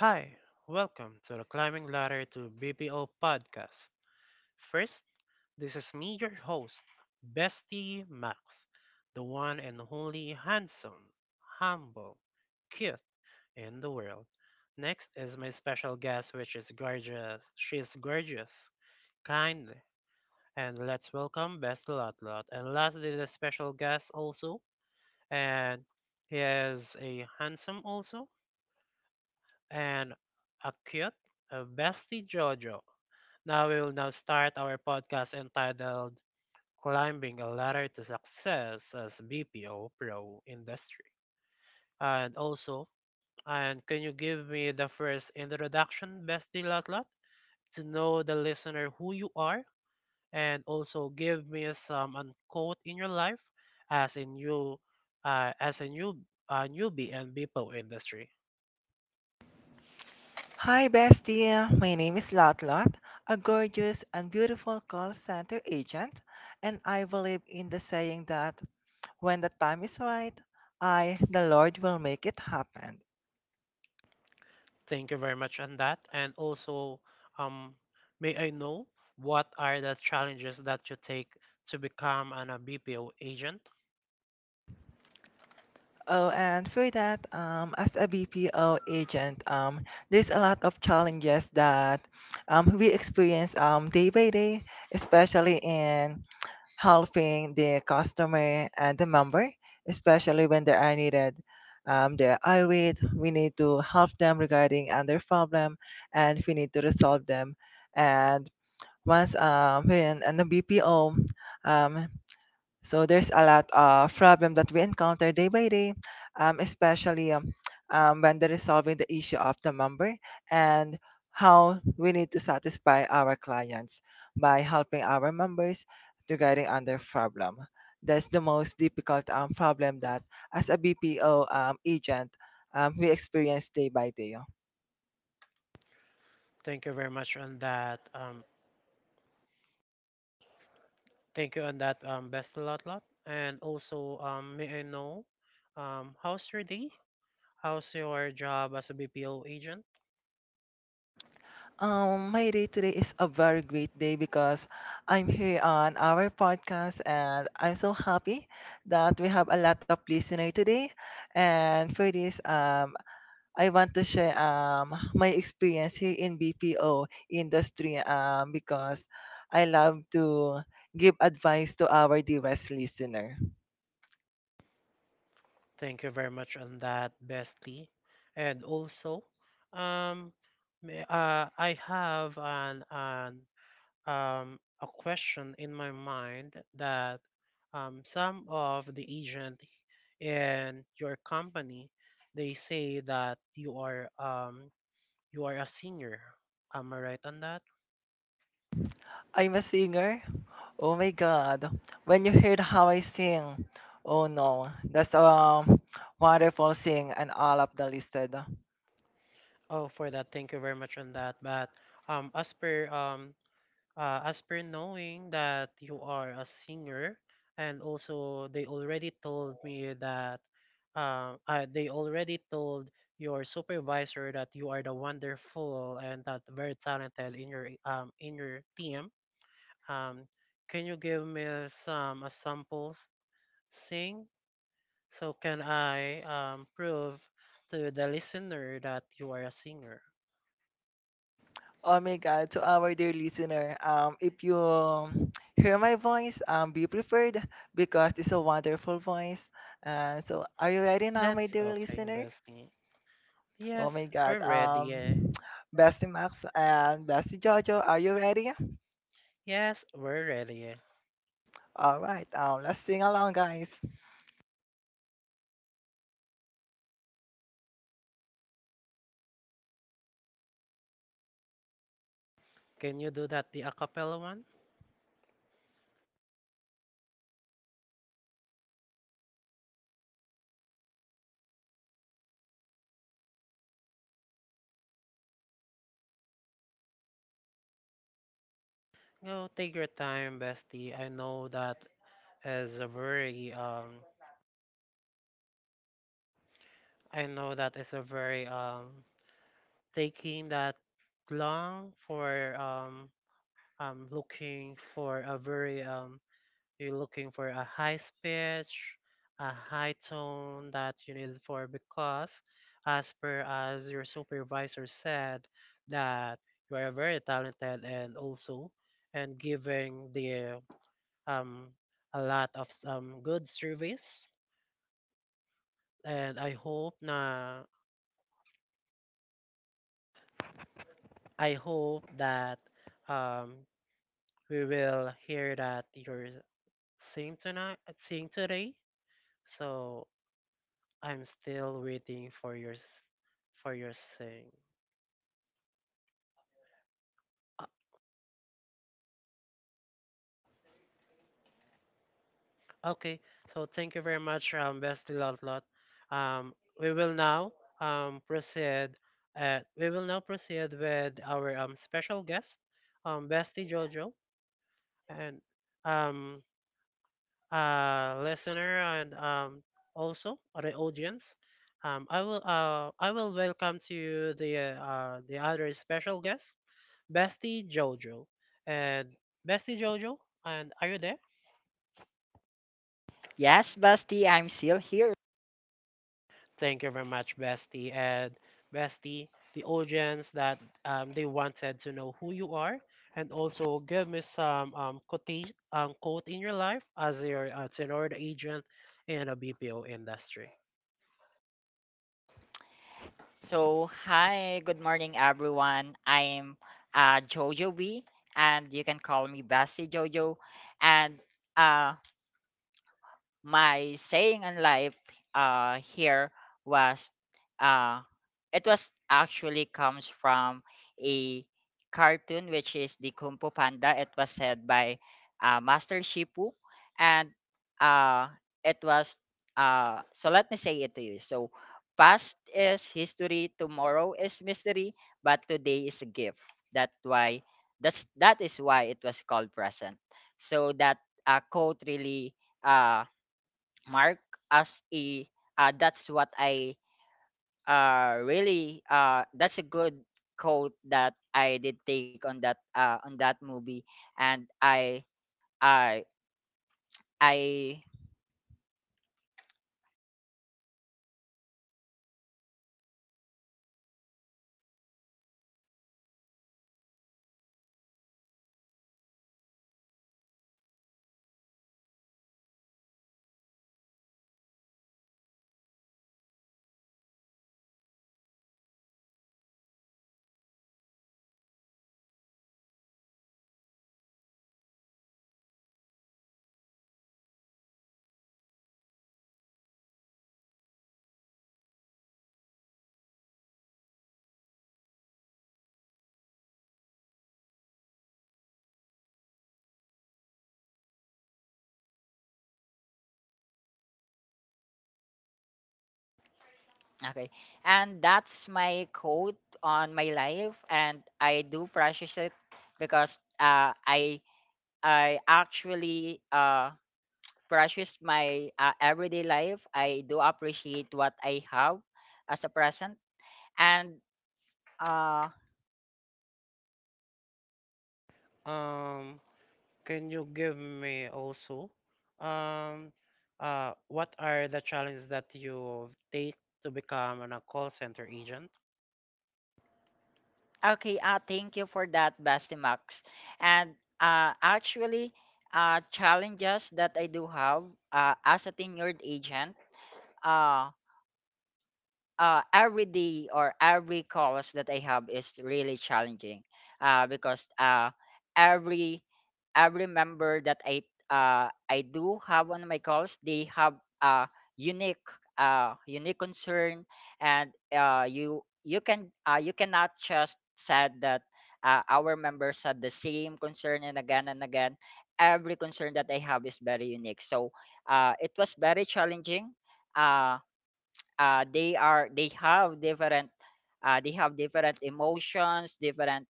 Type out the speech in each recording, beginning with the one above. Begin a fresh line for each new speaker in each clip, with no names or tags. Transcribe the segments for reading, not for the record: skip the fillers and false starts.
Hi, welcome to the Climbing Ladder to BPO podcast. First, this is me, your host, Bestie Max, the one and only handsome, humble, cute in the world. Next is my special guest, which is gorgeous. She's gorgeous, kind, and let's welcome Bestie Lotlot. And lastly, the special guest also, and he is a handsome also, and a cute, a bestie Jojo. Now we will now start our podcast entitled Climbing a Ladder to Success as BPO Pro Industry. And also, and can you give me the first introduction, Bestie Lotlat, to know the listener who you are and also give me some unquote in your life as a new uh, as a new newbie and BPO industry.
Hi, bestie. My name is Lotlot, a gorgeous and beautiful call center agent, and I believe in the saying that when the time is right, I, the Lord, will make it happen.
Thank you very much on that. And also, um, may I know what are the challenges that you take to become an a BPO agent?
Oh, and for that, as a BPO agent, there's a lot of challenges that we experience day by day, especially in helping the customer and the member, especially when they are needed. They are irate. We need to help them regarding and their problem, and we need to resolve them. And once when in the BPO, um, so there's a lot of problem that we encounter day by day, especially when they're resolving the issue of the member and how we need to satisfy our clients by helping our members to guiding on their problem. That's the most difficult problem that as a BPO agent we experience day by day.
Thank you very much on that. Thank you on that, best lot lot. And also, may I know how's your day? How's your job as a BPO agent?
My day today is a very great day because I'm here on our podcast and I'm so happy that we have a lot of listeners today. And for this, I want to share my experience here in BPO industry because I love to give advice to our dearest listener.
Thank you very much on that, bestie. And also, um, I have an a question in my mind that some of the agent in your company they say that you are a senior. Am I right on that?
I'm a singer. Oh my god. When you heard how I sing, oh no, that's a wonderful thing and all of the listed.
Oh, for that, thank you very much on that. But um, as per um, as per knowing that you are a singer, and also they already told me that they already told your supervisor that you are the wonderful and that very talented in your team. Um, can you give me some samples sing so can I prove to the listener that you are a singer?
Oh my god, to our dear listener, if you hear my voice, be prepared because it's a wonderful voice. And so are you ready now, my
That's
dear
okay,
listener?
bestie.
Oh my
Yes, we're
God.
ready. Eh.
Bestie Max and Bestie Jojo, are you ready?
Yes, we're ready.
All right. Let's sing along, guys.
Can you do that the acapella one? Go take your time, bestie. Is a very um I know that is a very taking that long for looking for a very you're looking for a high pitch, a high tone that you need for because, as per as your supervisor said, that you are very talented and also and giving the um a lot of some good service. And I hope that um we will hear that you're sing tonight, sing today. So I'm still waiting for for your saying. Uh, Okay, so thank you very much, Bestie Lotlot. Um, we will now proceed. We will now proceed with our special guest, Bestie Jojo, and um listener and also the audience. Um, I will welcome to you the other special guest, Bestie Jojo. And Bestie Jojo, and are you there?
Yes, Basti, I'm still here.
Thank you very much, Bestie. And Bestie, the audience that they wanted to know who you are and also give me some quote in your life as your tenor agent in a BPO industry.
So, hi, good morning, everyone. I'm Jojo B, and you can call me Basti Jojo. And uh, my saying in life here was uh it was actually comes from a cartoon which is the Kung Fu Panda. It was said by Master Shipu and uh it was so let me say it to you. So past is history, tomorrow is mystery, but today is a gift. That why that is why it was called present. So that quote really uh mark as a that's what I really that's a good quote that I did take on that movie and i i okay, and that's my quote on my life and I do precious it because I actually precious my everyday life. I do appreciate what I have as a present. And uh
Um, can you give me also um, what are the challenges that you take to become an, a call center agent?
Okay, thank you for that, Basti Max. And actually, challenges that I do have as a tenured agent. uh, every day or every course that I have is really challenging because every every member that I do have on my calls, they have a unique unique concern. And you can you cannot just said that our members had the same concern and again and again. Every concern that I have is very unique, so it was very challenging. uh, they have different they have different emotions, different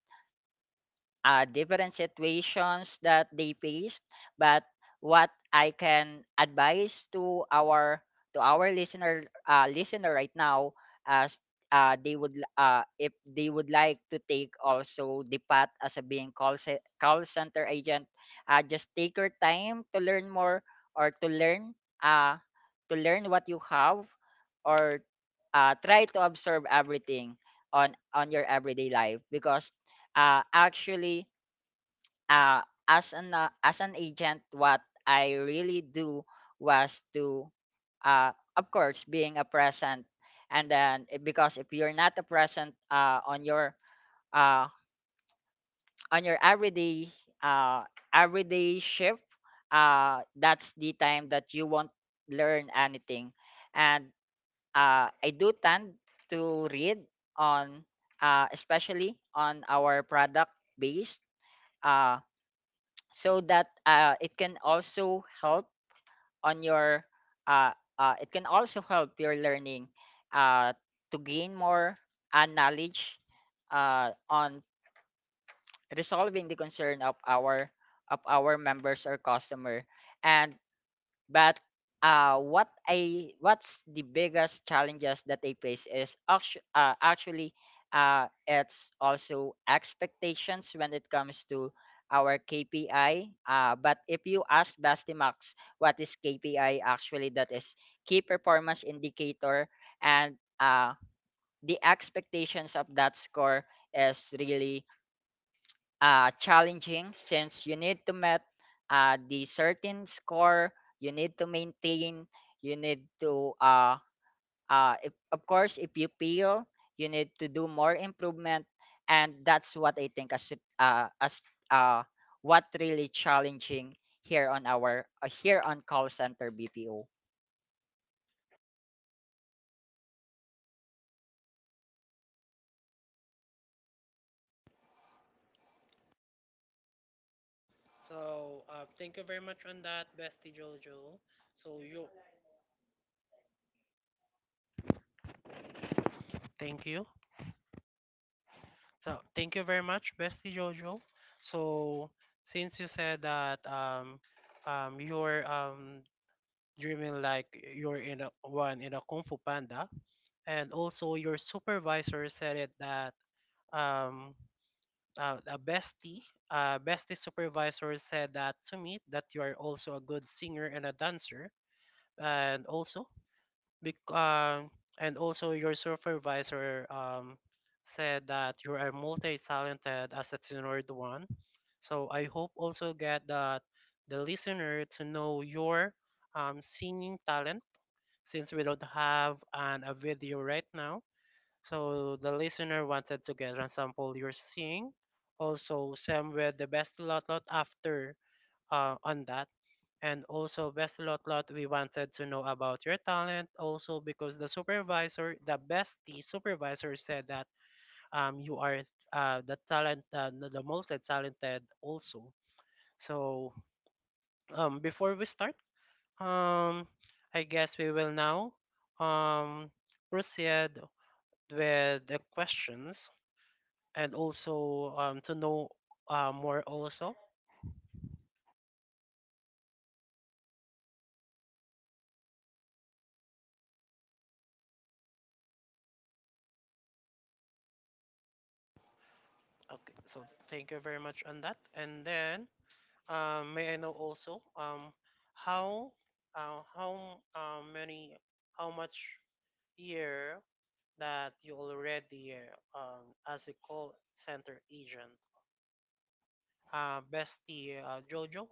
different situations that they faced. But what I can advise to our listener right now, as if they would like to take also the path as a being call center agent, just take your time to learn more or uh, to learn what you have, or try to observe everything on your everyday life, because actually uh, as an agent, what I really do was to, uh, of course, being a present, and because if you're not a present uh, on your everyday uh, everyday shift, that's the time that you won't learn anything. And I do tend to read on especially on our product based. Uh, so that it can also help on your uh, it can also help your learning uh, to gain more knowledge on resolving the concern of our members or customer. And but What's the biggest challenges that they face is actually it's also expectations when it comes to our KPI. But if you ask Bastimax what is KPI actually, that is key performance indicator. And uh, the expectations of that score is really challenging, since you need to met the certain score, you need to maintain, you need to if, of course if you feel, you need to do more improvement. And that's what I think as as uh, what really challenging here on our here on call center BPO.
So thank you very much on that, Bestie Jojo. So you thank you. So thank you very much, Bestie Jojo. So since you said that you're dreaming like you're in a one in a Kung Fu Panda, and also your supervisor said it that um a bestie bestie supervisor said that to me that you are also a good singer and a dancer, and also Bec- um, and also your supervisor said that you are multi-talented as a tenured one. So I hope also get that the listener to know your singing talent since we don't have an, a video right now. So the listener wanted to get an sample your sing. Also, Sam with the best lot lot after on that. And also, best lot lot, we wanted to know about your talent also because the supervisor, the bestie supervisor said that you are the talent the most talented also. So before we start, um I guess we will now um proceed with the questions and also to know more also. Okay, so thank you very much on that. And then may I know also how how many how much year that you already as a call center agent? Bestie Jojo,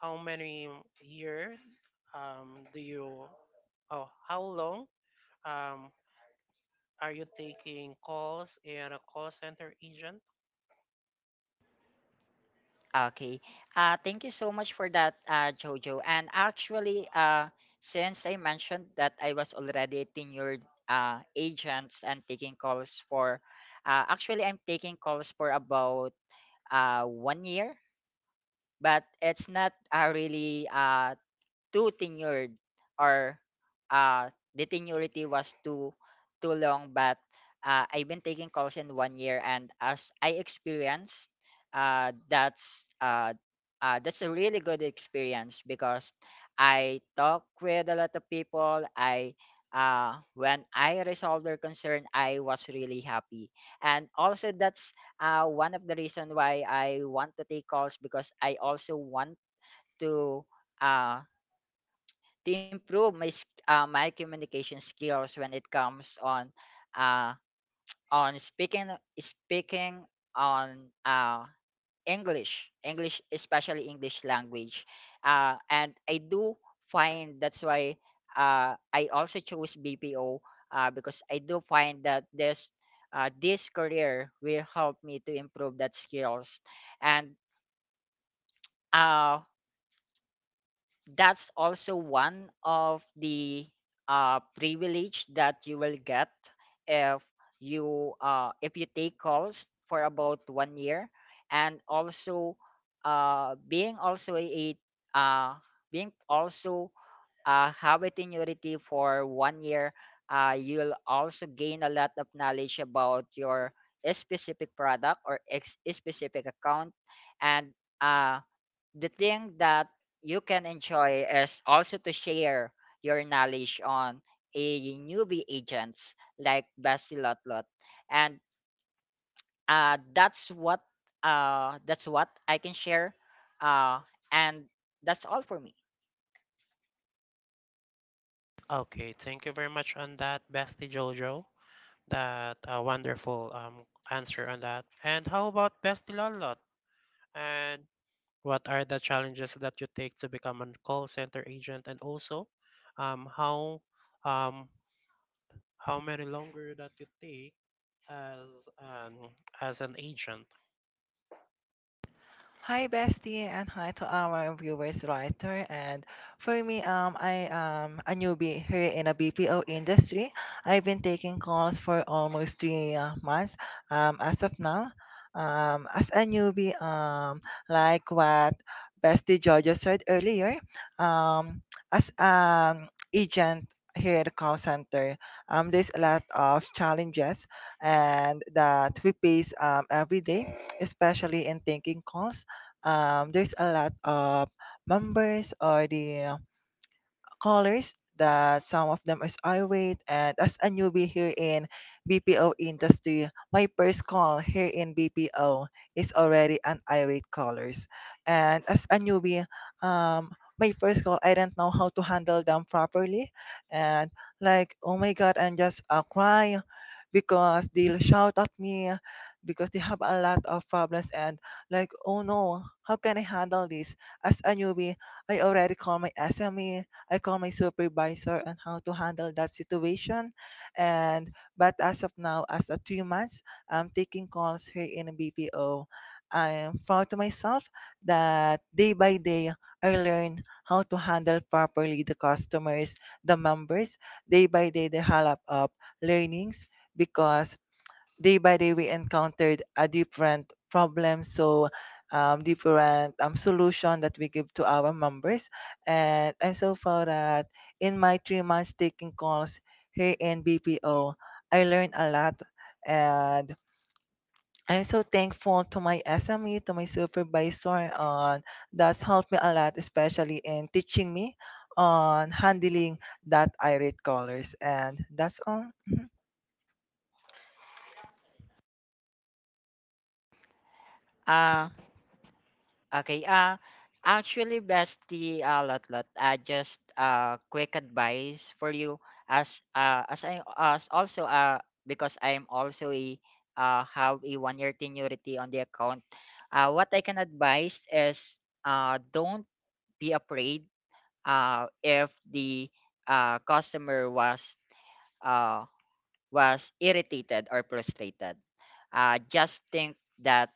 how many year do you oh how long um are you taking calls in a call center agent?
Okay. Thank you so much for that, Jojo. And actually, since I mentioned that I was already a tenured agent and actually, I'm taking calls for about 1 year, but it's not really too tenured, or uh the tenurity was too long. But I've been taking calls in 1 year, and as I experienced, uh that's uh, that's a really good experience because I talk with a lot of people. I When I resolved their concern, I was really happy. And also that's one of the reason why I want to take calls, because I also want to uh to improve my my communication skills when it comes uh on speaking, speaking on English, especially English language. And I do find, that's why I also chose BPO because I do find that this this career will help me to improve that skills. And uh that's also one of the privilege that you will get if if you take calls for about 1 year. And also uh, being also a uh, being also have a tenuity for 1 year, you'll also gain a lot of knowledge about your specific product or specific account. And uh the thing that you can enjoy is also to share your knowledge on a newbie agents like Basti Lotlot. And uh, that's what that's what I can share. Uh, and that's all for me.
Okay, thank you very much on that, bestie Jojo. That a wonderful answer on that. And how about Bestilolot? And what are the challenges that you take to become a call center agent? And also, um, how um, how many longer that you take as an as an agent?
Hi, bestie, and hi to our viewers, writer. And for me, I am a newbie here in a BPO industry. I've been taking calls for almost three months. As of now, as a newbie, like what bestie Jojo said earlier, um, as an agent here at the call center, there's a lot of challenges and that we face every day, especially in taking calls there's a lot of members or the callers that some of them is irate and as a newbie here in BPO industry, my first call here in BPO is already an irate callers. And as a newbie, um my first call I don't know how to handle them properly and like oh my god I'm just crying because they'll shout at me because they have a lot of problems and like oh no how can I handle this as a newbie I already call my SME I call my supervisor on how to handle that situation. And but as of now, as a 3 months, I'm taking calls here in BPO. I am proud to myself that day by day I learn how to handle properly the customers, the members. Day by day, they have up learnings because day by day we encountered a different problem so different solution that we give to our members and I'm so proud that in my 3 months taking calls here in BPO I learned a lot and I'm so thankful to my SME, to my supervisor on that's helped me a lot especially in teaching me on handling that irate callers, and that's all.
Uh, Okay. Actually, bestie, lot lot. Just quick advice for you, as I as also because I am also a have a 1 year tenurity on the account. What I can advise is don't be afraid. If the customer was uh was irritated or frustrated, just think that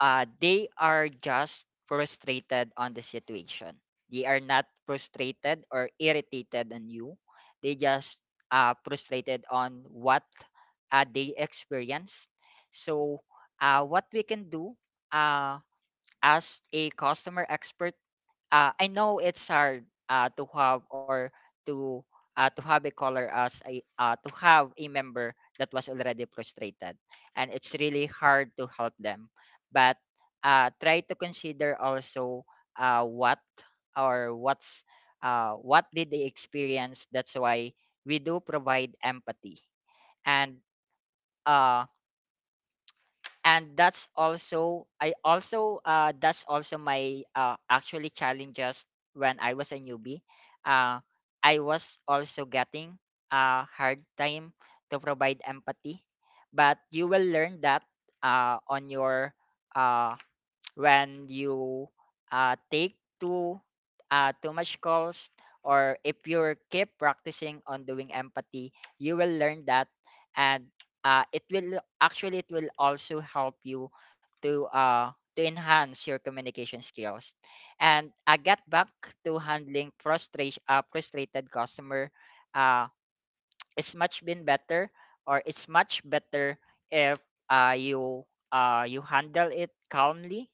they are just frustrated on the situation. They are not frustrated or irritated on you. They just frustrated on what they experienced. So, what we can do uh, as a customer expert, I know it's hard to to have a caller as a to have a member that was already frustrated, and it's really hard to help them. But try to consider also uh, what what's what did they experience. That's why we do provide empathy. And uh, that's also I also that's also my actually challenges when I was a newbie. uh I was also getting a hard time to provide empathy. But you will learn that on your uh when you take too too much calls, or if you keep practicing on doing empathy, you will learn that. And it will actually it will also help you to enhance your communication skills and get back to handling frustration frustrated customer. uh, it's much been better or it's much better if uh, you you handle it calmly.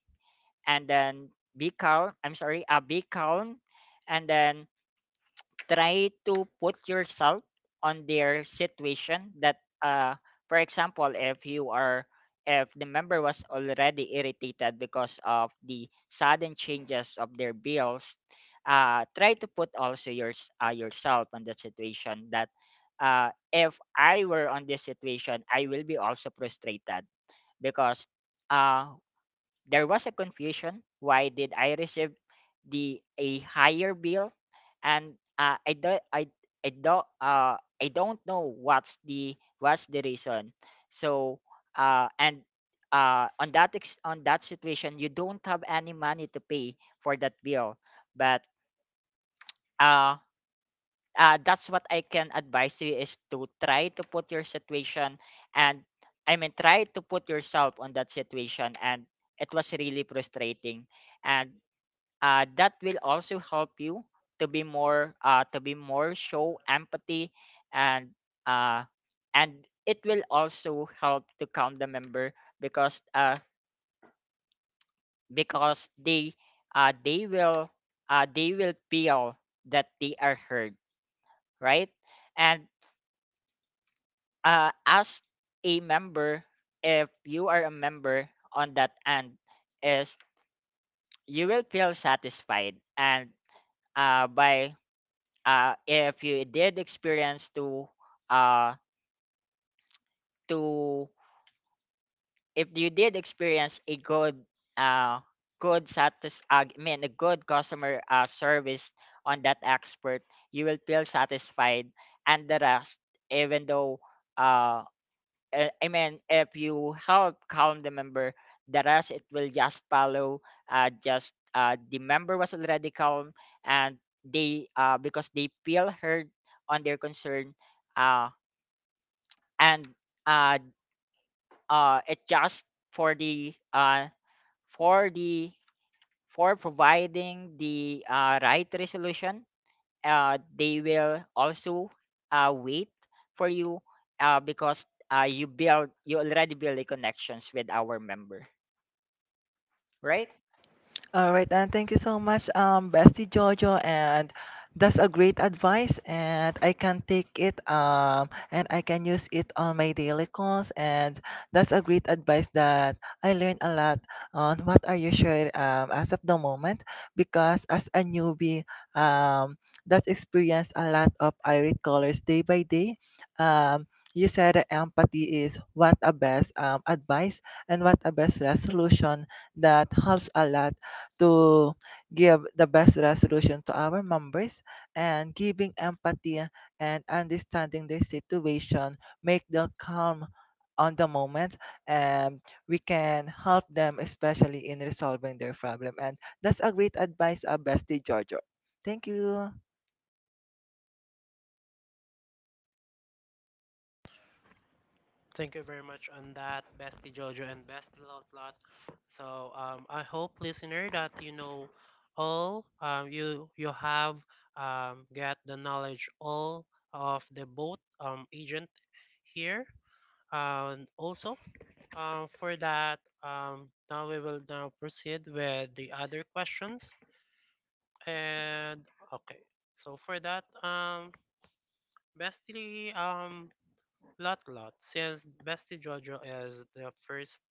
And then be calm, and then try to put yourself on their situation. For example, if you are if the member was already irritated because of the sudden changes of their bills, try to put also yourself on that situation. That if I were on this situation, I will be also frustrated, because uh, there was a confusion. Why did I receive the a higher bill? And I do I don't know what's the reason. So and on that on that situation, you don't have any money to pay for that bill. But uh that's what I can advise you, is to try to put your situation, and I mean try to put yourself on that situation, and it was really frustrating. And that will also help you to be more show empathy. And uh, and it will also help to calm the member, because they uh, they will they will feel that they are heard, right. And ask a member, if you are a member on that end, is you will feel satisfied. And by if you did experience to uh, to if you did experience a good uh, I mean a good customer service on that expert, you will feel satisfied. And the rest, even though uh, I mean, if you help calm the member, the rest it will just follow. Just The member was already calm, and they because they feel heard on their concern, uh, and uh, it just for the for the for providing the right resolution, they will also wait for you, because you already build a connections with our member, right.
All right, and thank you so much, Bestie Jojo, and that's a great advice, and I can take it, and I can use it on my daily calls, and that's a great advice that I learned a lot on what are you sure as of the moment, because as a newbie, um, that's experienced a lot of irate callers day by day. Um, you said that empathy is what a best advice and what a best resolution that helps a lot to give the best resolution to our members and giving empathy and understanding their situation make them calm on the moment and we can help them especially in resolving their problem, and that's a great advice, bestie Jojo, thank you.
Thank you very much on that, Bestie Jojo and Bestie Lot Lot. So I hope listener that you know all, you have get the knowledge all of the both agent here and also for that, now we will now proceed with the other questions. And okay, so for that, Bestie, lot lot. Since Bestie Jojo is the first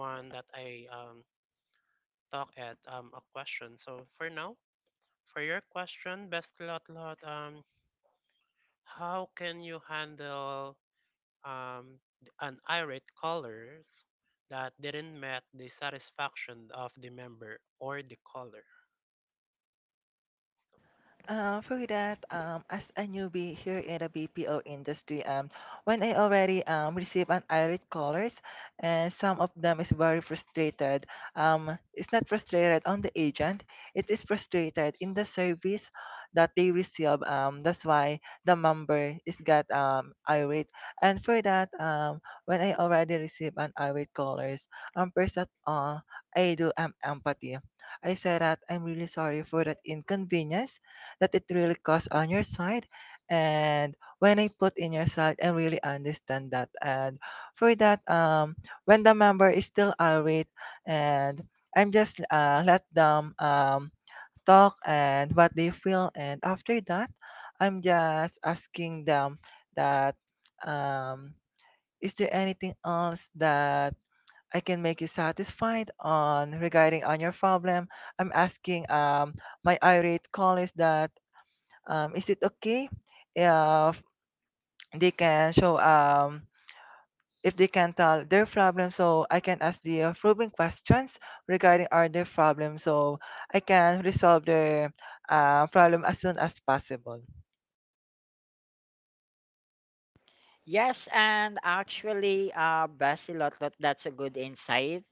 one that I talk at a question. So for now, for your question, Bestie lot lot, how can you handle um, and irate callers that didn't met the satisfaction of the member or the caller.
For that, as a newbie here in the BPO industry, when I already receive an irate callers, and some of them is very frustrated. It's not frustrated on the agent; it is frustrated in the service that they receive. That's why the member is got irate. And for that, when I already receive an irate callers, first at all, I do empathy. I say that I'm really sorry for that inconvenience that it really costs on your side. And when I put in your side, I really understand that. And for that, when the member is still irate, and I'm just let them talk and what they feel. And after that, I'm just asking them that um, is there anything else that I can make you satisfied on regarding on your problem? I'm asking my irate colleagues that is it okay if they can show if they can tell their problem so I can ask the probing questions regarding our their problem so I can resolve their problem as soon as possible.
Yes, and actually, Basilot, that's a good insight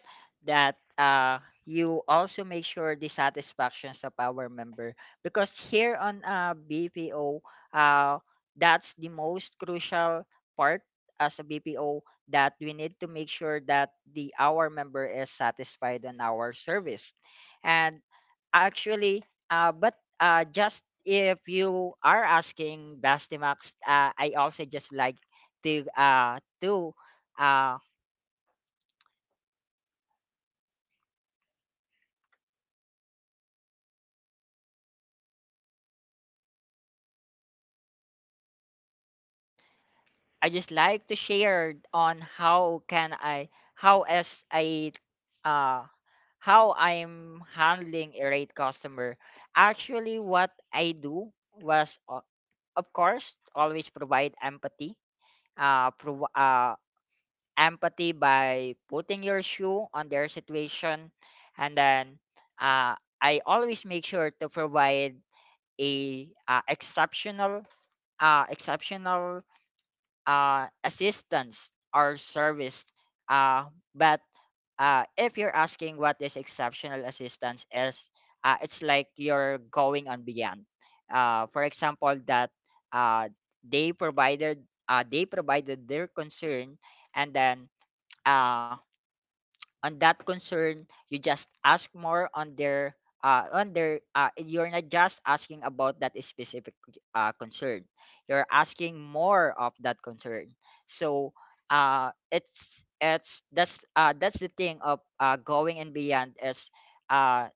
that you also make sure the satisfactions of our member, because here on BPO, uh, that's the most crucial part as a BPO, that we need to make sure that the our member is satisfied on our service. And actually, but just if you are asking Bastimax, I also just like to do uh I just like to share on how can I how as I uh how I'm handling a rate customer. Actually what I do was of course always provide empathy. Uh prov- uh Empathy by putting your shoe on their situation. And then uh I always make sure to provide a exceptional assistance or service. Uh, but if you're asking what is exceptional assistance is, it's like you're going on beyond. For example, that uh, they provided they provided their concern, and then uh, on that concern you just ask more on their you're not just asking about that specific concern, you're asking more of that concern. So it's that's the thing of going and beyond is uh,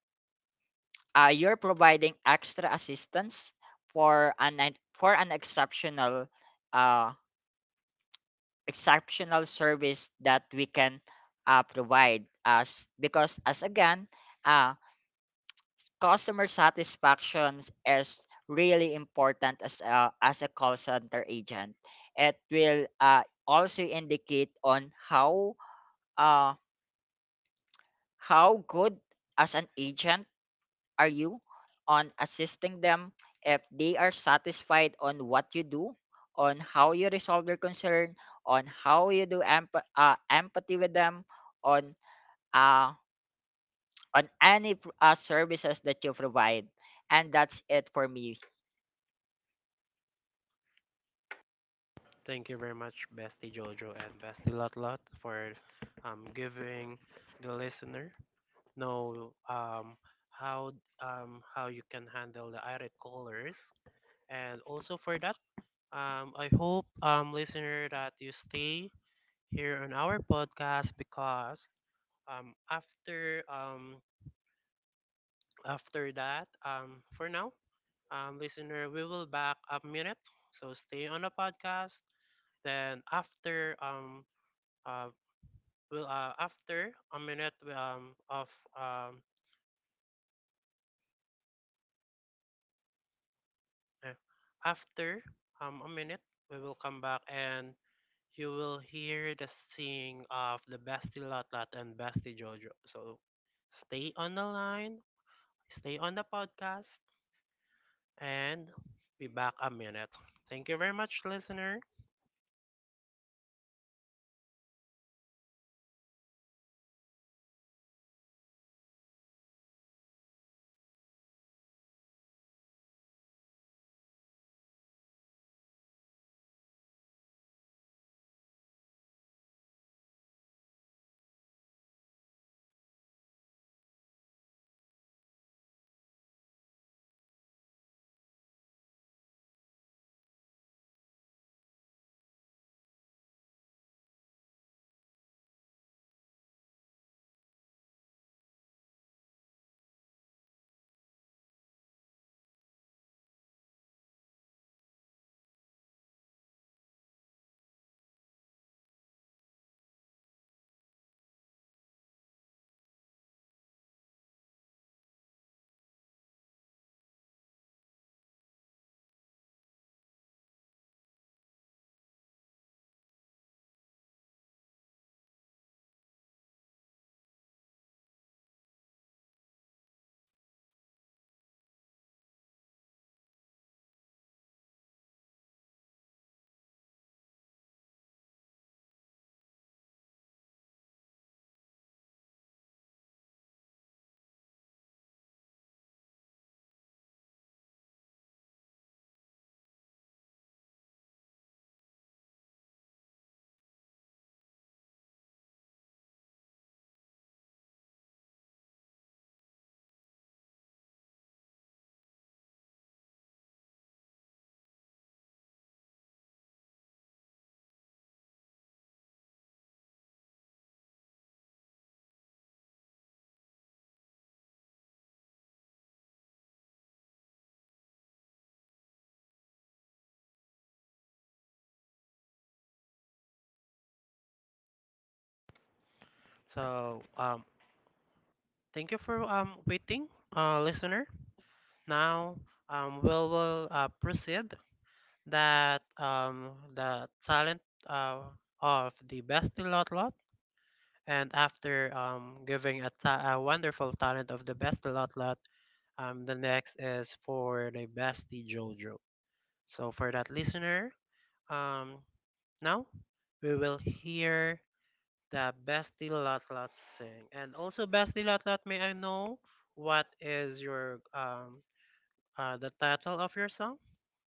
you're providing extra assistance for for an exceptional uh, exceptional service that we can provide us because, as again, uh, customer satisfaction is really important. As a call center agent, it will also indicate on uh, how good as an agent are you on assisting them. If they are satisfied on what you do, on how you resolve their concern, on how you do empathy with them, on uh, on any services that you provide. And that's it for me.
Thank you very much, Bestie Jojo and Bestie Lot Lot, for giving the listener know how how you can handle the irate callers, and also for that, I hope listener that you stay here on our podcast because um, after um, after that, for now, listener, we will back a minute. So stay on the podcast. Then after uh will after a minute we, of eh, after a minute we will come back and you will hear the singing of the Bestie Lot and Bestie Jojo. So stay on the line, stay on the podcast, and be back a minute. Thank you very much, listener. So, thank you for waiting, listener. Now, we will proceed that the talent uh, of the best lot lot, and after a wonderful talent of the best lot lot, the next is for the bestie JoJo. So for that listener, um, now we will hear the Bestie lot sing. And also, Bestie lot, may I know what is your the title of your song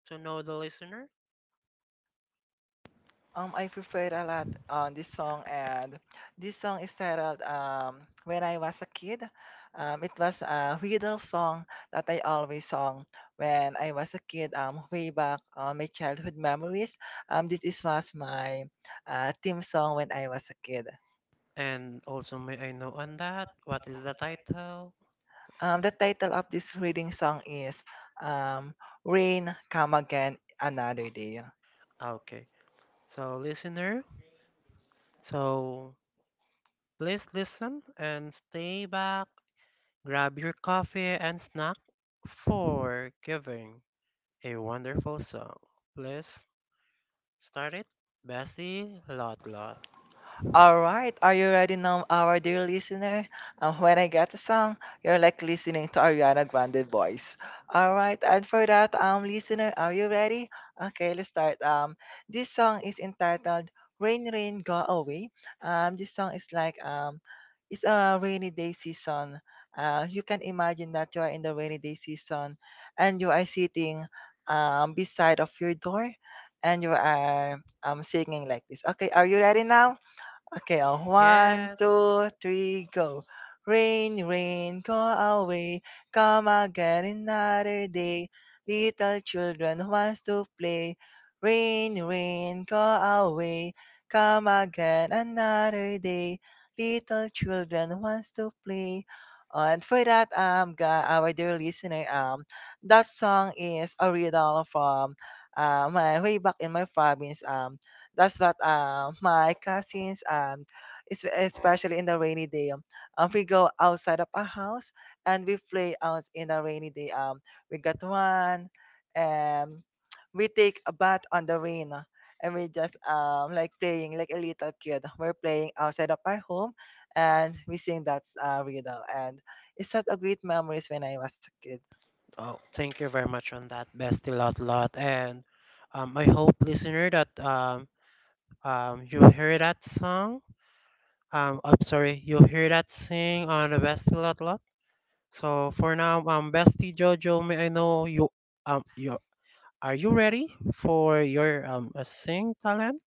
to know the listener?
I preferred a lot on this song, and this song is titled "When I Was a Kid." It was a riddle song that I always sung when I was a kid. Way back on my childhood memories. This is was my theme song when I was a kid.
And also, may I know on that what is the title?
The title of this reading song is um, "Rain Come Again Another Day."
Okay, so listener, so please listen and stay back. Grab your coffee and snack for giving a wonderful song. Please start it. Bestie Lot Lot.
All right, are you ready now, our dear listener? And when I get a song, you're like listening to Ariana Grande voice. All right, and for that, listener, are you ready? Okay, let's start. This song is entitled "Rain, Rain, Go Away." This song is like it's a rainy day season. You can imagine that you are in the rainy day season, and you are sitting beside of your door, and you are singing like this. Okay, are you ready now? Okay, on one,
Yes.
two, three, go. Rain, rain, go away. Come again another day. Little children wants to play. Rain, rain, go away. Come again another day. Little children wants to play. And for that, our dear listener, that song is a riddle from, my way back in my province. That's what my cousins and especially in the rainy day. We go outside of our house and we play out in the rainy day. We got one, and we take a bath on the rain, and we just like playing like a little kid. We're playing outside of our home, and we sing that riddle. And it's such a great memories when I was a kid.
Oh, thank you very much on that, Bestie Lot Lot. And um, I hope, listener, that you hear that song. I'm sorry, you hear that sing on the Bestie Lot Lot. So for now, Bestie Jojo, may I know you you are you ready for your sing talent?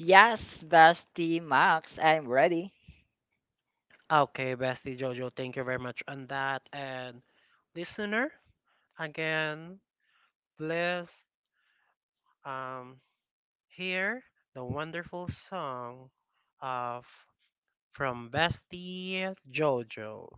Yes, Bestie Max, I'm ready.
Okay, Bestie Jojo, thank you very much on that. And listener, again, please Um, hear the wonderful song of from Bestie Jojo.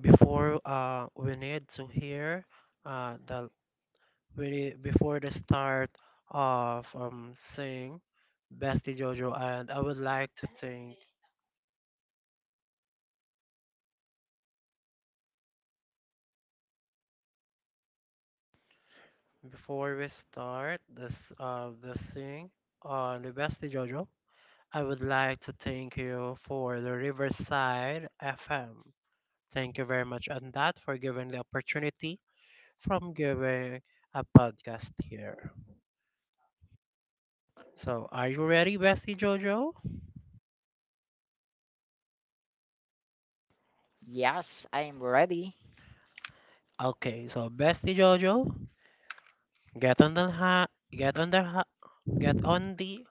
Before uh, the we need, before the start of sing Bestie Jojo, and I would like to think before we start this the sing on the Bestie Jojo. I would like to thank you for the Riverside FM. Thank you very much on that for giving the opportunity from giving a podcast here. So, are you ready, Bestie Jojo?
Yes, I'm ready.
Okay, so Bestie Jojo, get on the ha, get on the ha, get on the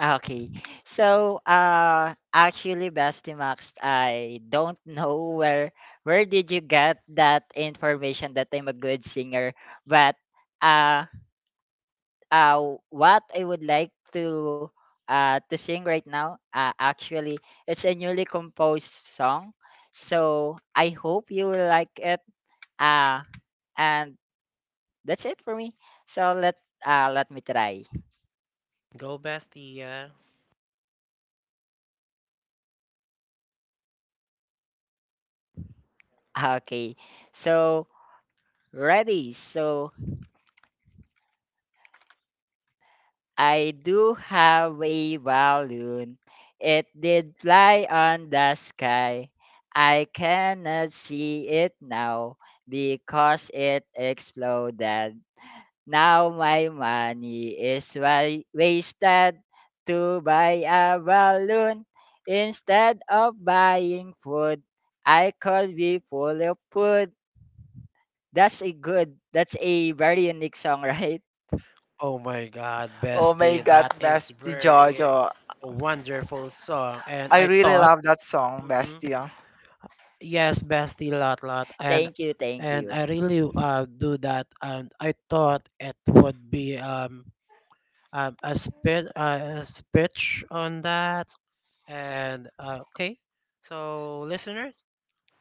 Okay. So, actually, Bastimax, I don't know where did you get that information that I'm a good singer, but uh what I would like to sing right now, actually it's a newly composed song. So, I hope you will like it. Uh and that's it for me. So, let me try.
go, Bestie. Yeah.
Okay. So, ready. So, I do have a balloon. It did fly on the sky. I cannot see it now because it exploded. Now my money is wasted to buy a balloon. Instead of buying food, I could be full of food. That's a very unique song, right?
Oh my God,
Oh my
Bestie,
God,
that is
Bestie
very
Jojo.
wonderful song, and
I
I
really
thought,
love that song,
mhm,
Bestie.
yes, Bestie, lot, lot,
Thank you, thank
and
you.
I really do that, and I thought it would be a speech on that. And okay, so listeners,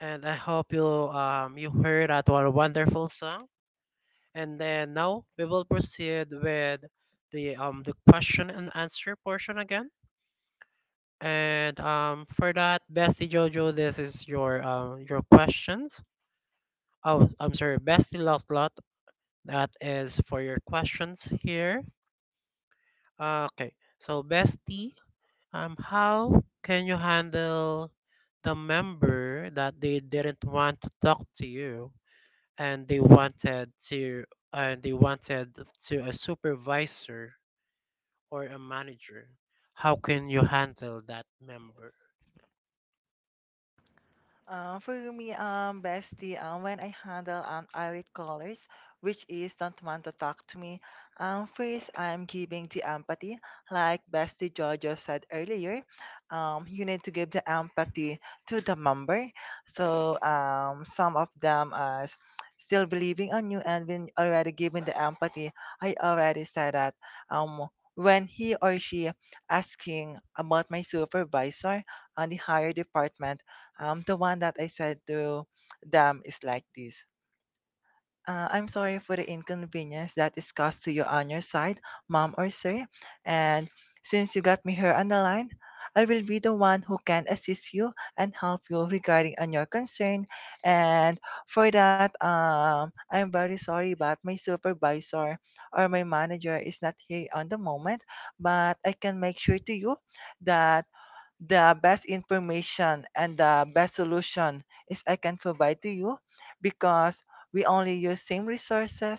and I hope you heard that our wonderful song. And then now we will proceed with the question and answer portion again. And for that, Bestie Jojo, this is your questions. Oh, I'm sorry, Bestie Lot Lot. That is for your questions here. Okay, so Bestie. How can you handle the member that they didn't want to talk to you and they wanted to and they wanted to a supervisor or a manager? How can you handle that member?
For me, bestie, when I handle irate callers, which is don't want to talk to me, first I'm giving the empathy, like bestie Jojo said earlier. You need to give the empathy to the member. So some of them are still believing on you, and when already given the empathy, I already said that um, when he or she asking about my supervisor on the higher department. The one that I said to them is like this. I'm sorry for the inconvenience that is caused to you on your side, mom or sir. And since you got me here on the line, I will be the one who can assist you and help you regarding on your concern. And for that, I'm very sorry, but my supervisor or my manager is not here on the moment. But I can make sure to you that the best information and the best solution is I can provide to you because we only use same resources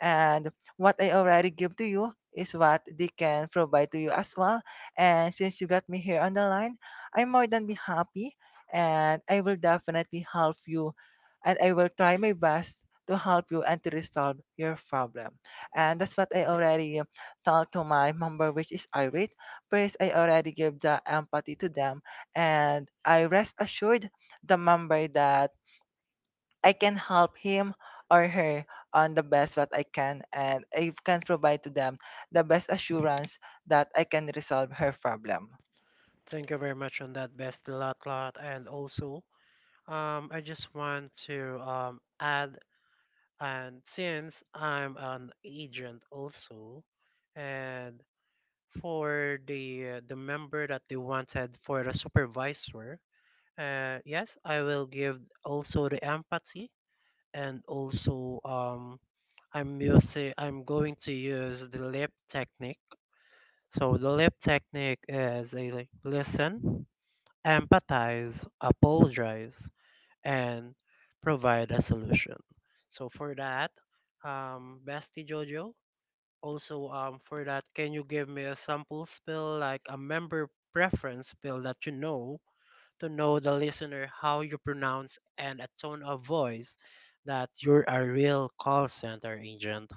and what I already give to you is what they can provide to you as well. And since you got me here on the line, I'm more than be happy and I will definitely help you and I will try my best to help you and to resolve your problem. And that's what I already told to my member which is Irene. First, I already give the empathy to them, and I rest assured the member that I can help him or her on the best what I can, and I can provide to them the best assurance that I can resolve her problem.
Thank you very much on that best lot lot and also I just want to add and since I'm an agent also and for the member that they wanted for the supervisor, yes I will give also the empathy and also I'm going to use the lip technique. So the lip technique is a like, listen, empathize, apologize, and provide a solution. So for that, bestie jojo, also, for that, can you give me a sample spill, like a member preference spill that you know, to know the listener how you pronounce and a tone of voice that you're a real call center agent?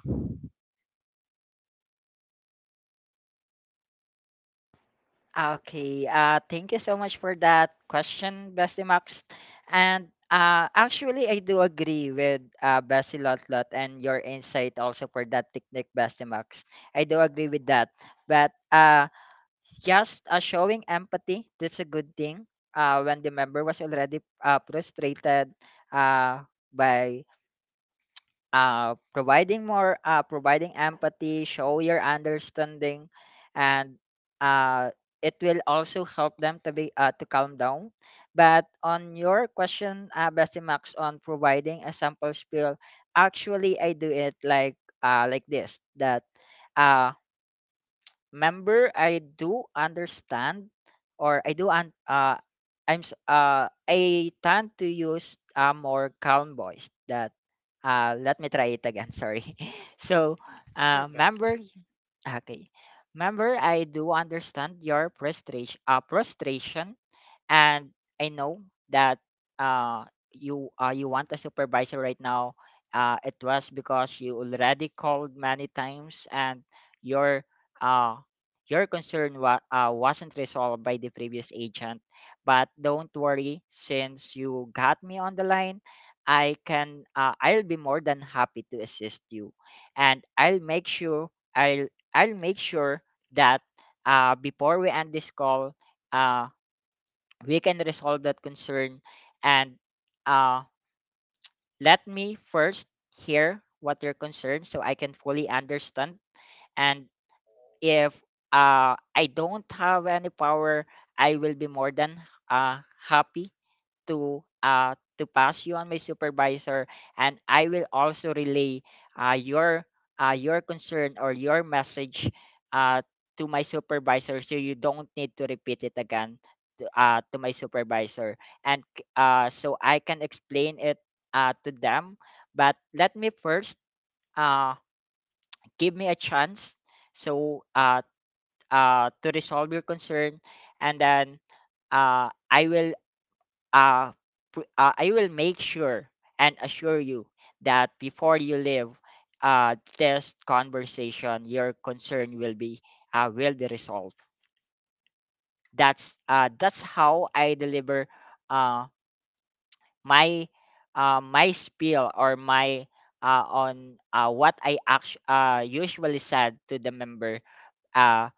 Okay. Thank you so much for that question, Bestie Max. And actually, I do agree with Bestie Lotlot and your insight also for that technique, Bestie Max. I do agree with that. But just showing empathy, that's a good thing. When the member was already frustrated, uh, by providing more providing empathy show your understanding, and uh, it will also help them to be to calm down. But on your question, Bessie Max, on providing a sample spiel, actually I do it like this, that uh, member I do understand or I do un- I'm I tend to use a more calm voice. That Let me try it again. Sorry. So
Sure,
member
bestie.
okay. Member, I do understand your frustration, and I know that uh, you you want a supervisor right now. It was because you already called many times and your uh, your concern wasn't resolved by the previous agent. But don't worry, since you got me on the line, I'll be more than happy to assist you, and I'll make sure I'll I'll make sure that before we end this call uh, we can resolve that concern, and uh, let me first hear what your concern so I can fully understand. And if I don't have any power, I will be more than uh, happy to pass you on my supervisor, and I will also relay uh your your concern or your message uh to my supervisor, so you don't need to repeat it again to my supervisor and so I can explain it to them. But let me first uh give me a chance, so to resolve your concern, and then I will uh, I will make sure and assure you that before you leave this conversation, your concern will be resolved. That's how I deliver uh, my my spiel or my on what I usually said to the member. uh,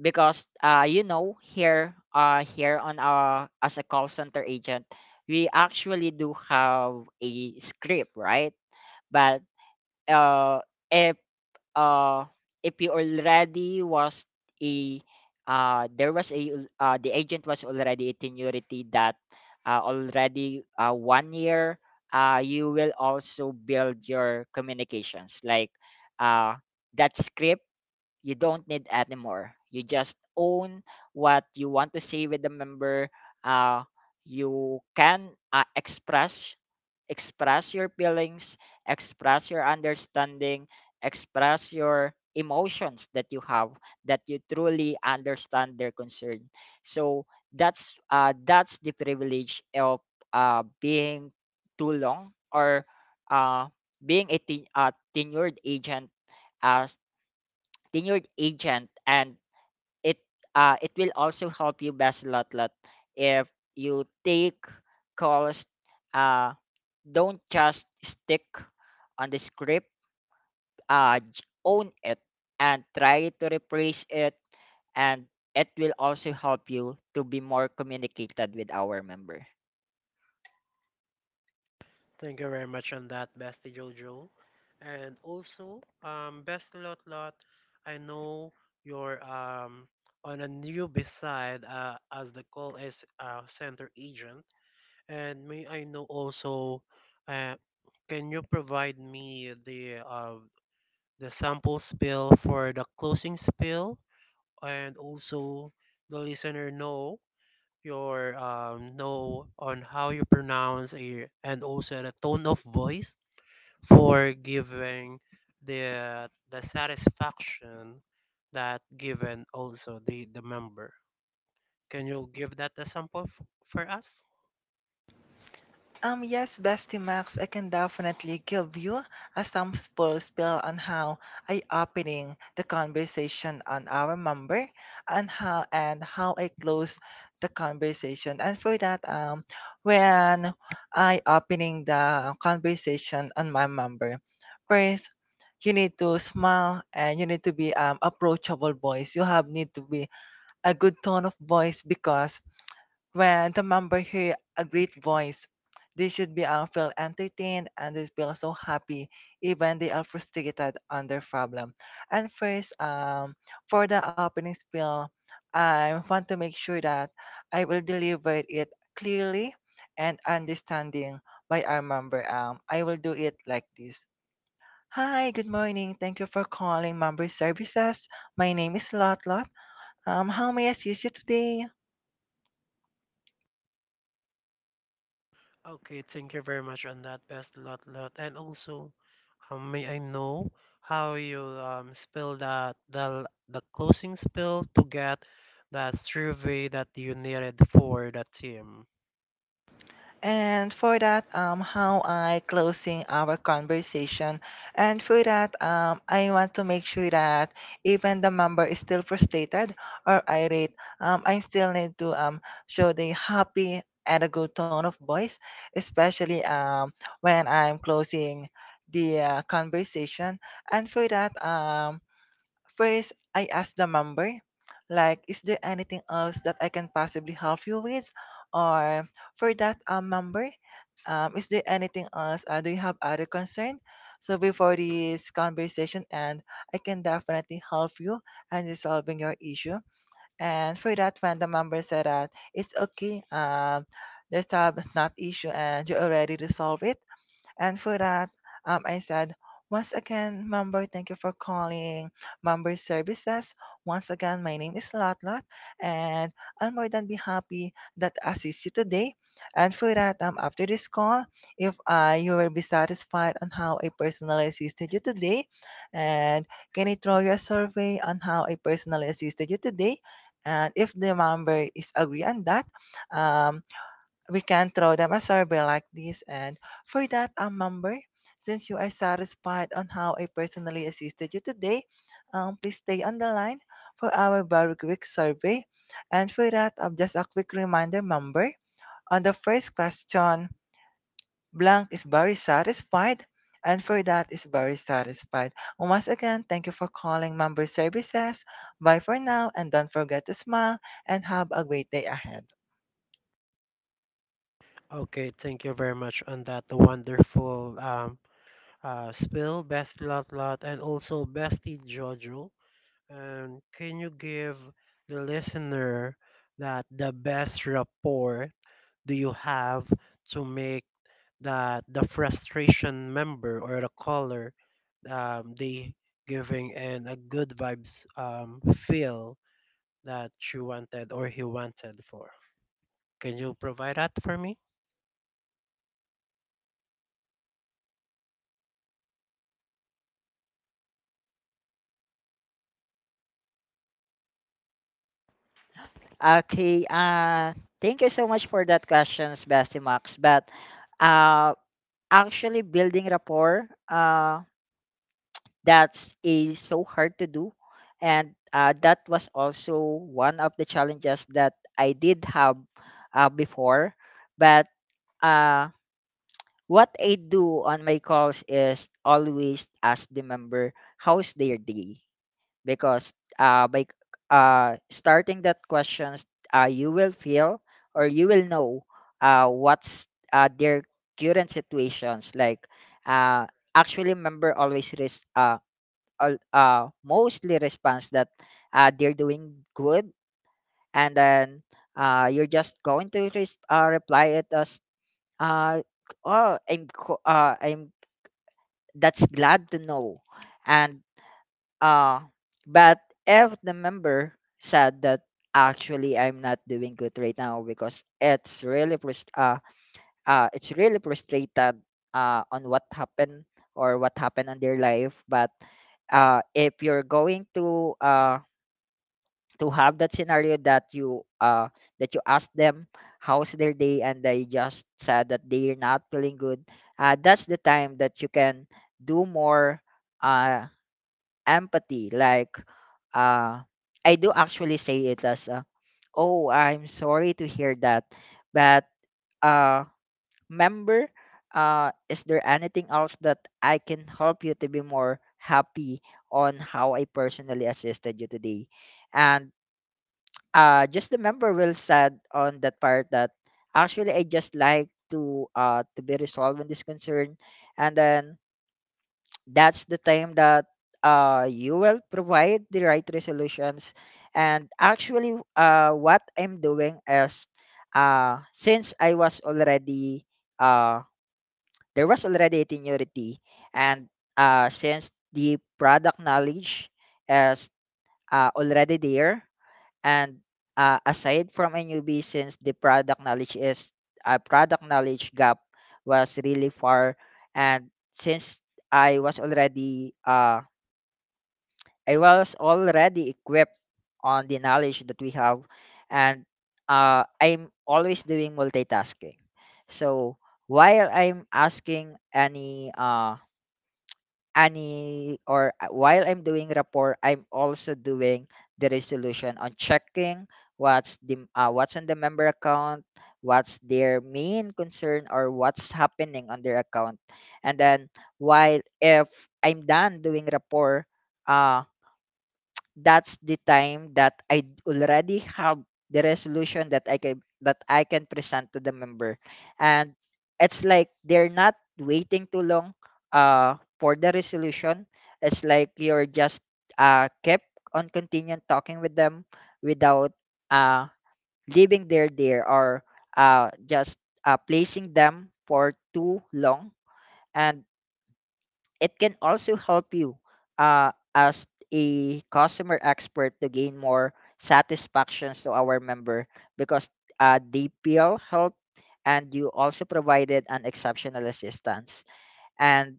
because you know, here on our, as a call center agent, we actually do have a script, right? But uh if uh if you already was a there was a the agent was already a tenuity that already 1 year, you will also build your communications like uh that script you don't need anymore. You just own what you want to say with the member. Uh, you can express, express your feelings, express your understanding, express your emotions that you have, that you truly understand their concern. So that's the privilege of being too long, or uh, tenured agent, uh, tenured agent, and it it will also help you, Best a Lot Lot, if you take calls, uh, don't just stick on the script. Own it and try to replace it, and it will also help you to be more communicated with our member.
Thank you very much on that, bestie Jojo. And also, bestie Lot Lot, I know you're on a newbie side as the call is center agent. And may I know also, uh, can you provide me the the sample spill for the closing spill, and also the listener know your know on how you pronounce a, and also the tone of voice for giving the satisfaction that given also the member. Can you give that a sample for us?
Yes, Bestie Max, I can definitely give you a some spoil spill on how I opening the conversation on our member and how I close the conversation. And for that, when I opening the conversation on my member, first you need to smile and you need to be approachable voice. You have need to be a good tone of voice because when the member hear a great voice, they should be feel entertained and they feel so happy, even they are frustrated on their problem. And first, for the opening spiel, I want to make sure that I will deliver it clearly and understanding by our member. I will do it like this. Hi, good morning. Thank you for calling Member Services. My name is Lotlot. How may I assist you today?
Okay, thank you very much on that. Best lot lot. And also, may I know how you spell that the closing spell to get that survey that you needed for the team?
And for that, how I closing our conversation. And for that, I want to make sure that even the member is still frustrated or irate, I still need to show the happy and a good tone of voice, especially when I'm closing the conversation. And for that, first, I asked the member, like, is there anything else that I can possibly help you with? Or for that member, is there anything else? Do you have other concern? So before this conversation, and I can definitely help you and resolving your issue. And for that, when the member said that it's okay, there's have not issue, and you already resolve it and for that, I said, once again, member, thank you for calling member services. Once again, my name is Lotlot, and I'll more than be happy that I assist you today. And for that, after this call, if you will be satisfied on how I personally assisted you today, and can I throw you a survey on how I personally assisted you today? And if the member is agree on that, um, we can throw them a survey like this. And for that, member, since you are satisfied on how I personally assisted you today, please stay on the line for our very quick survey. And for that, just a quick reminder, member, on the first question, blank is very satisfied. And for that is very satisfied. Once again, thank you for calling member services. Bye for now and don't forget to smile and have a great day ahead.
Okay, thank you very much on that wonderful spill, best lot lot, and also bestie Jojo. And can you give the listener that the best rapport do you have to make that the frustration member or the caller they giving in a good vibes feel that she wanted or he wanted for. Can you provide that for me?
Okay. Thank you so much for that questions, Bestie Max. But uh actually, building rapport that's is so hard to do, and that was also one of the challenges that I did have before. But uh, what I do on my calls is always ask the member how's their day, because by starting that questions, you will feel or you will know what's their current situations. Like uh, actually, member always mostly responds that they're doing good, and then you're just going to reply it as uh, oh I'm co- I'm that's glad to know. And uh, but if the member said that actually I'm not doing good right now because it's really it's really frustrated on what happened or what happened on their life. But if you're going to have that scenario that you ask them how's their day and they just said that they're not feeling good, that's the time that you can do more. Uh, empathy, like uh, I do actually say it as, "Oh, I'm sorry to hear that, but uh, member, is there anything else that I can help you to be more happy on how I personally assisted you today?" And just the member will said on that part that actually I just like to be resolved on this concern, and then that's the time that you will provide the right resolutions. And actually, what I'm doing is since I was already, uh, there was already a seniority, and since the product knowledge is already there, and aside from a newbie, since the product knowledge is product knowledge gap was really far, and since I was already uh I was already equipped on the knowledge that we have, and I'm always doing multitasking. So while I'm asking any or while I'm doing rapport, I'm also doing the resolution on checking what's the what's in the member account, what's their main concern or what's happening on their account. And then while, if I'm done doing rapport, uh that's the time that I already have the resolution that I can present to the member. And it's like they're not waiting too long for the resolution. It's like you're just kept on continuing talking with them without uh leaving their there or just placing them for too long. And it can also help you as a customer expert to gain more satisfactions to our member, because DPL helped, and you also provided an exceptional assistance. And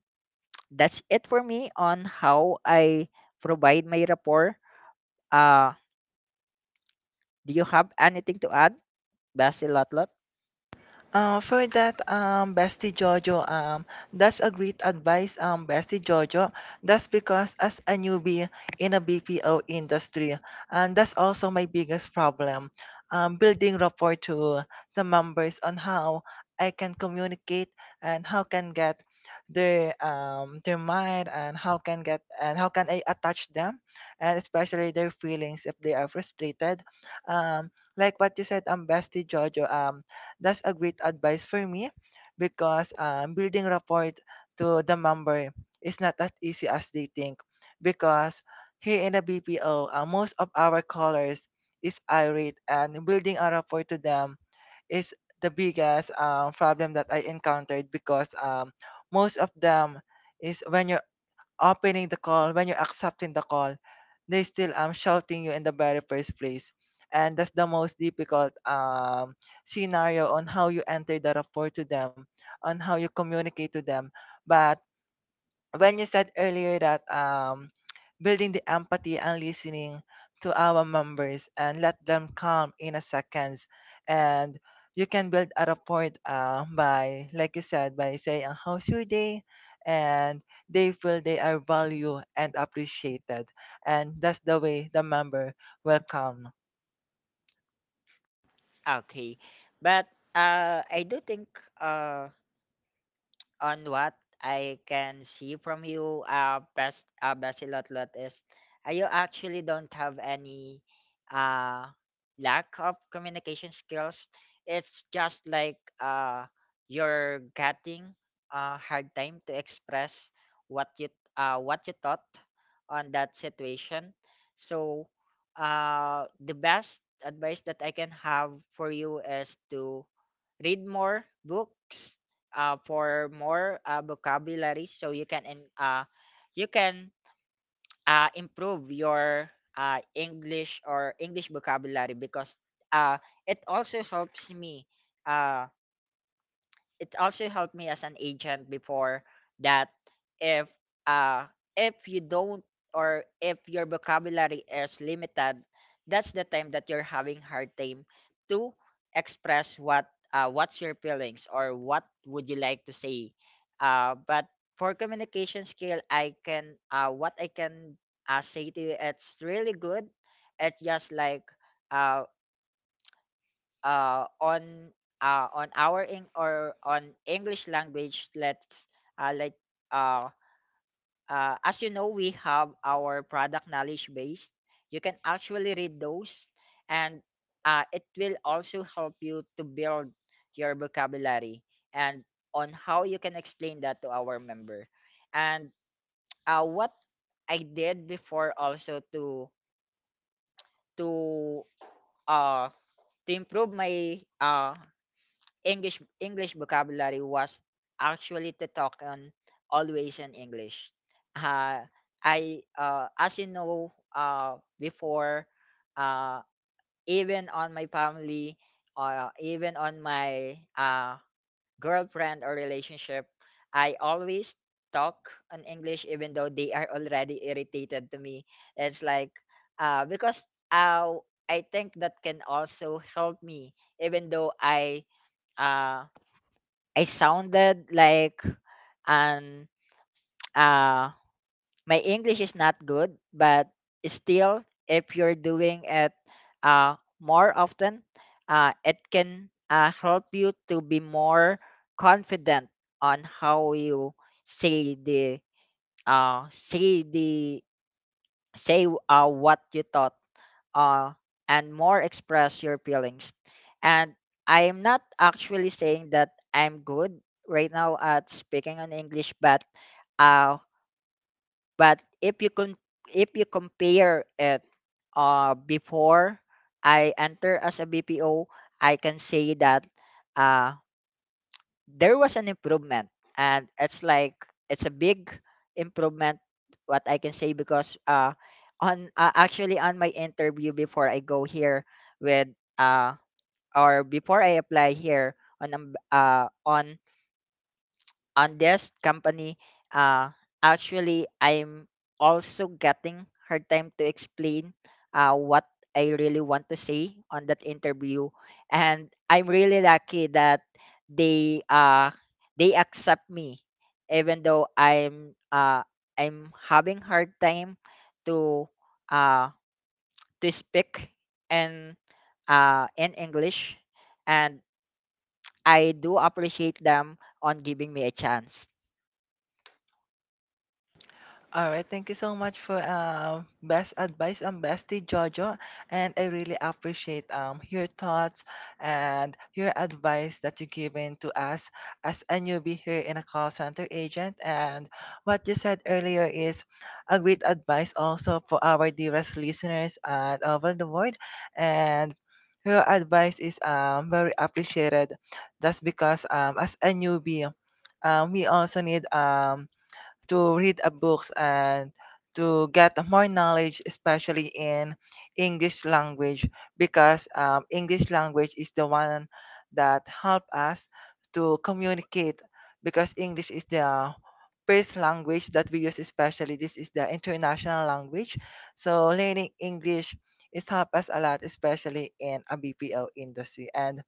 that's it for me on how I provide my rapport. Uh, do you have anything to add, Basil Lotlot?
Bestie Jojo, that's a great advice, Bestie Jojo. That's because as a newbie in a BPO industry, and that's also my biggest problem, building rapport to the members on how I can communicate and how can get their mind and how can get and how can I attach them, and especially their feelings if they are frustrated, um, like what you said, Bestie Jojo, that's a great advice for me because building rapport to the member is not as easy as they think. Because here in the BPO, most of our callers is irate, and building a rapport to them is the biggest problem that I encountered because most of them is when you're opening the call, when you're accepting the call, they still shouting you in the very first place. And that's the most difficult scenario on how you enter the rapport to them, on how you communicate to them. But when you said earlier that building the empathy and listening to our members and let them come in a seconds and you can build a rapport by like you said by saying how's your day and they feel they are valued and appreciated and that's the way the member will come.
Okay. But I do think. Uh, on what I can see from you, best Basilotlet is you actually don't have any uh lack of communication skills. It's just like you're getting a hard time to express what you what you thought on that situation. So the best advice that I can have for you is to read more books, for more vocabulary, so you can you can improve your English vocabulary, because uh, it also helps me. Uh, it also helped me as an agent before that if uh if you don't, or if your vocabulary is limited, that's the time that you're having hard time to express what, what's your feelings or what would you like to say. But for communication skill, I can what I can say to you, it's really good. It's just like uh, uh, on on our Eng or on English language, let's uh, like uh, as you know, we have our product knowledge base. You can actually read those, and it will also help you to build your vocabulary and on how you can explain that to our member. And what I did before also to to uh to improve my English vocabulary was actually to talk on always in English. Uh, I as you know before, uh, even on my family, even on my girlfriend or relationship, I always talk in English even though they are already irritated to me. It's like because uh, I think that can also help me. Even though uh, I sounded like an uh my English is not good, but still if you're doing it uh more often, it can help you to be more confident on how you say the say the, say what you thought, uh, and more express your feelings. And I am not actually saying that I'm good right now at speaking in English, uh, but if you if you compare it before I enter as a BPO, I can say that uh, there was an improvement, and it's like it's a big improvement, what I can say, because on actually on my interview before I go here with uh or before I apply here on on this company, uh actually I'm also getting hard time to explain what I really want to say on that interview. And I'm really lucky that they uh they accept me even though I'm having hard time to uh to speak and in English, and I do appreciate them on giving me a chance.
All right, thank you so much for best advice. And Bestie Jojo, and I really appreciate your thoughts and your advice that you given to us as a newbie here in a call center agent. And what you said earlier is a great advice also for our dearest listeners and over the world. And your advice is very appreciated. That's because as a newbie, we also need to read a books and to get more knowledge, especially in English language, because English language is the one that help us to communicate. Because English is the first language that we use, especially this is the international language. So learning English is help us a lot, especially in a BPO industry. And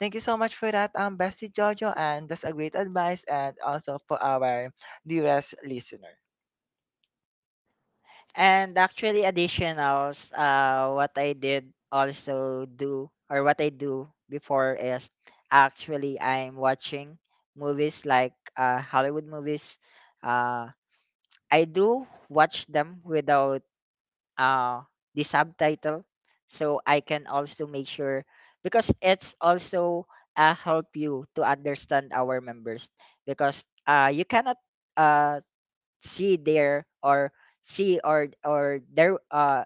thank you so much for that, Bestie Jojo, and that's a great advice, and also for our dearest listener.
And actually additionals, what I did also do or what I do before is actually I'm watching movies, like Hollywood movies. Uh, I do watch them without uh, the subtitle, so I can also make sure, because it's also help you to understand our members, because you cannot uh, she there or she or there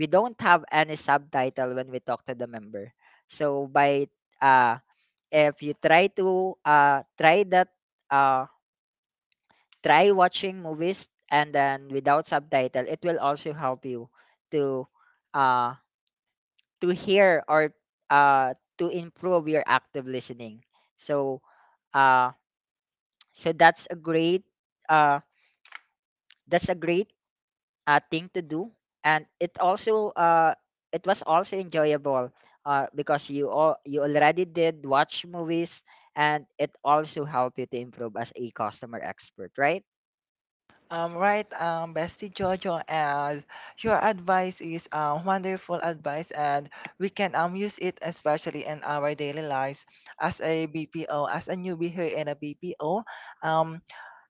we don't have any subtitle when we talk to the member. So by uh if you try that, uh try watching movies and then without subtitle, it will also help you to uh to hear or to improve your active listening. So uh so that's a great uh that's a great thing to do, and it also it was also enjoyable because you all you already did watch movies, and it also helped you to improve as a customer expert, right?
Right, Bestie Jojo, and your advice is wonderful advice, and we can use it especially in our daily lives as a BPO, as a newbie here in a BPO. Um,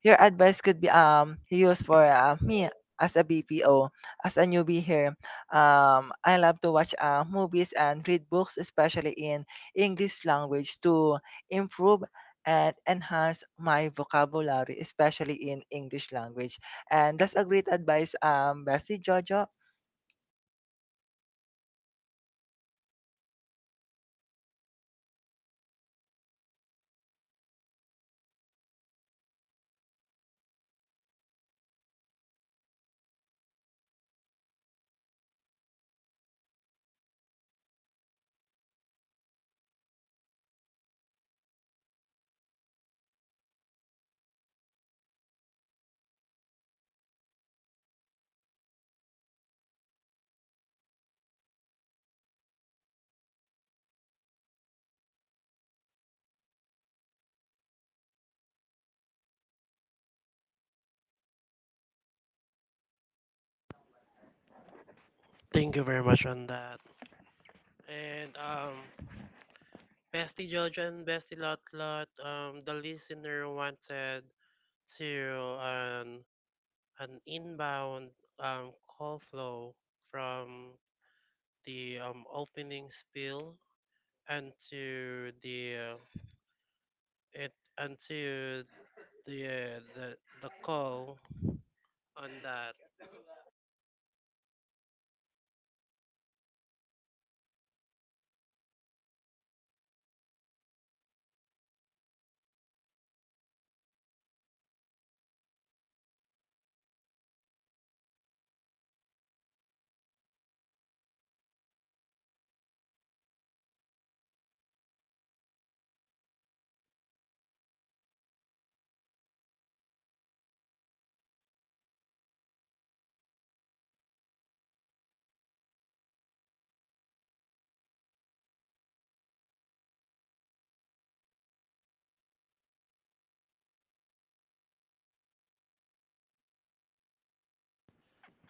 Your advice could be used for me as a BPO, as a newbie here. I love to watch movies and read books, especially in English language, to improve and enhance my vocabulary, especially in English language. And that's a great advice, Bessie Jojo.
Thank you very much on that. And Bestie Jojo and Bestie Lotlot, the listener wanted to an inbound call flow from the opening spiel into the uh, it into the the call on that.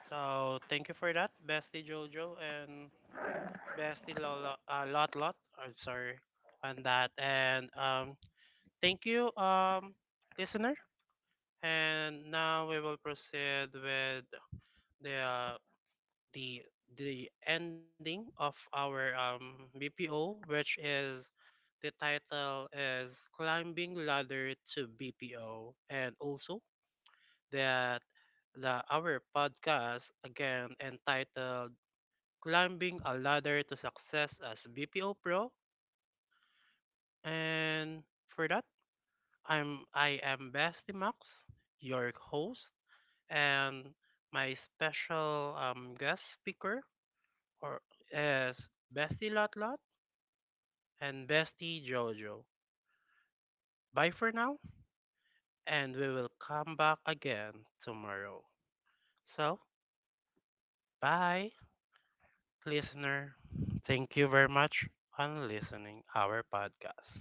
So thank you for that, Bestie Jojo and Lot Lot. I'm sorry on that, and thank you, listener. And now we will proceed with the uh, the the ending of our BPO, which is the title is climbing ladder to BPO, and also that the our podcast again entitled climbing a ladder to success as BPO pro. And for that, I am Basti Max, your host, and my special guest speaker or is Bestie Lot Lot and Bestie Jojo. Bye for now, and we will come back again tomorrow. So, bye, listener. Thank you very much on listening our podcast.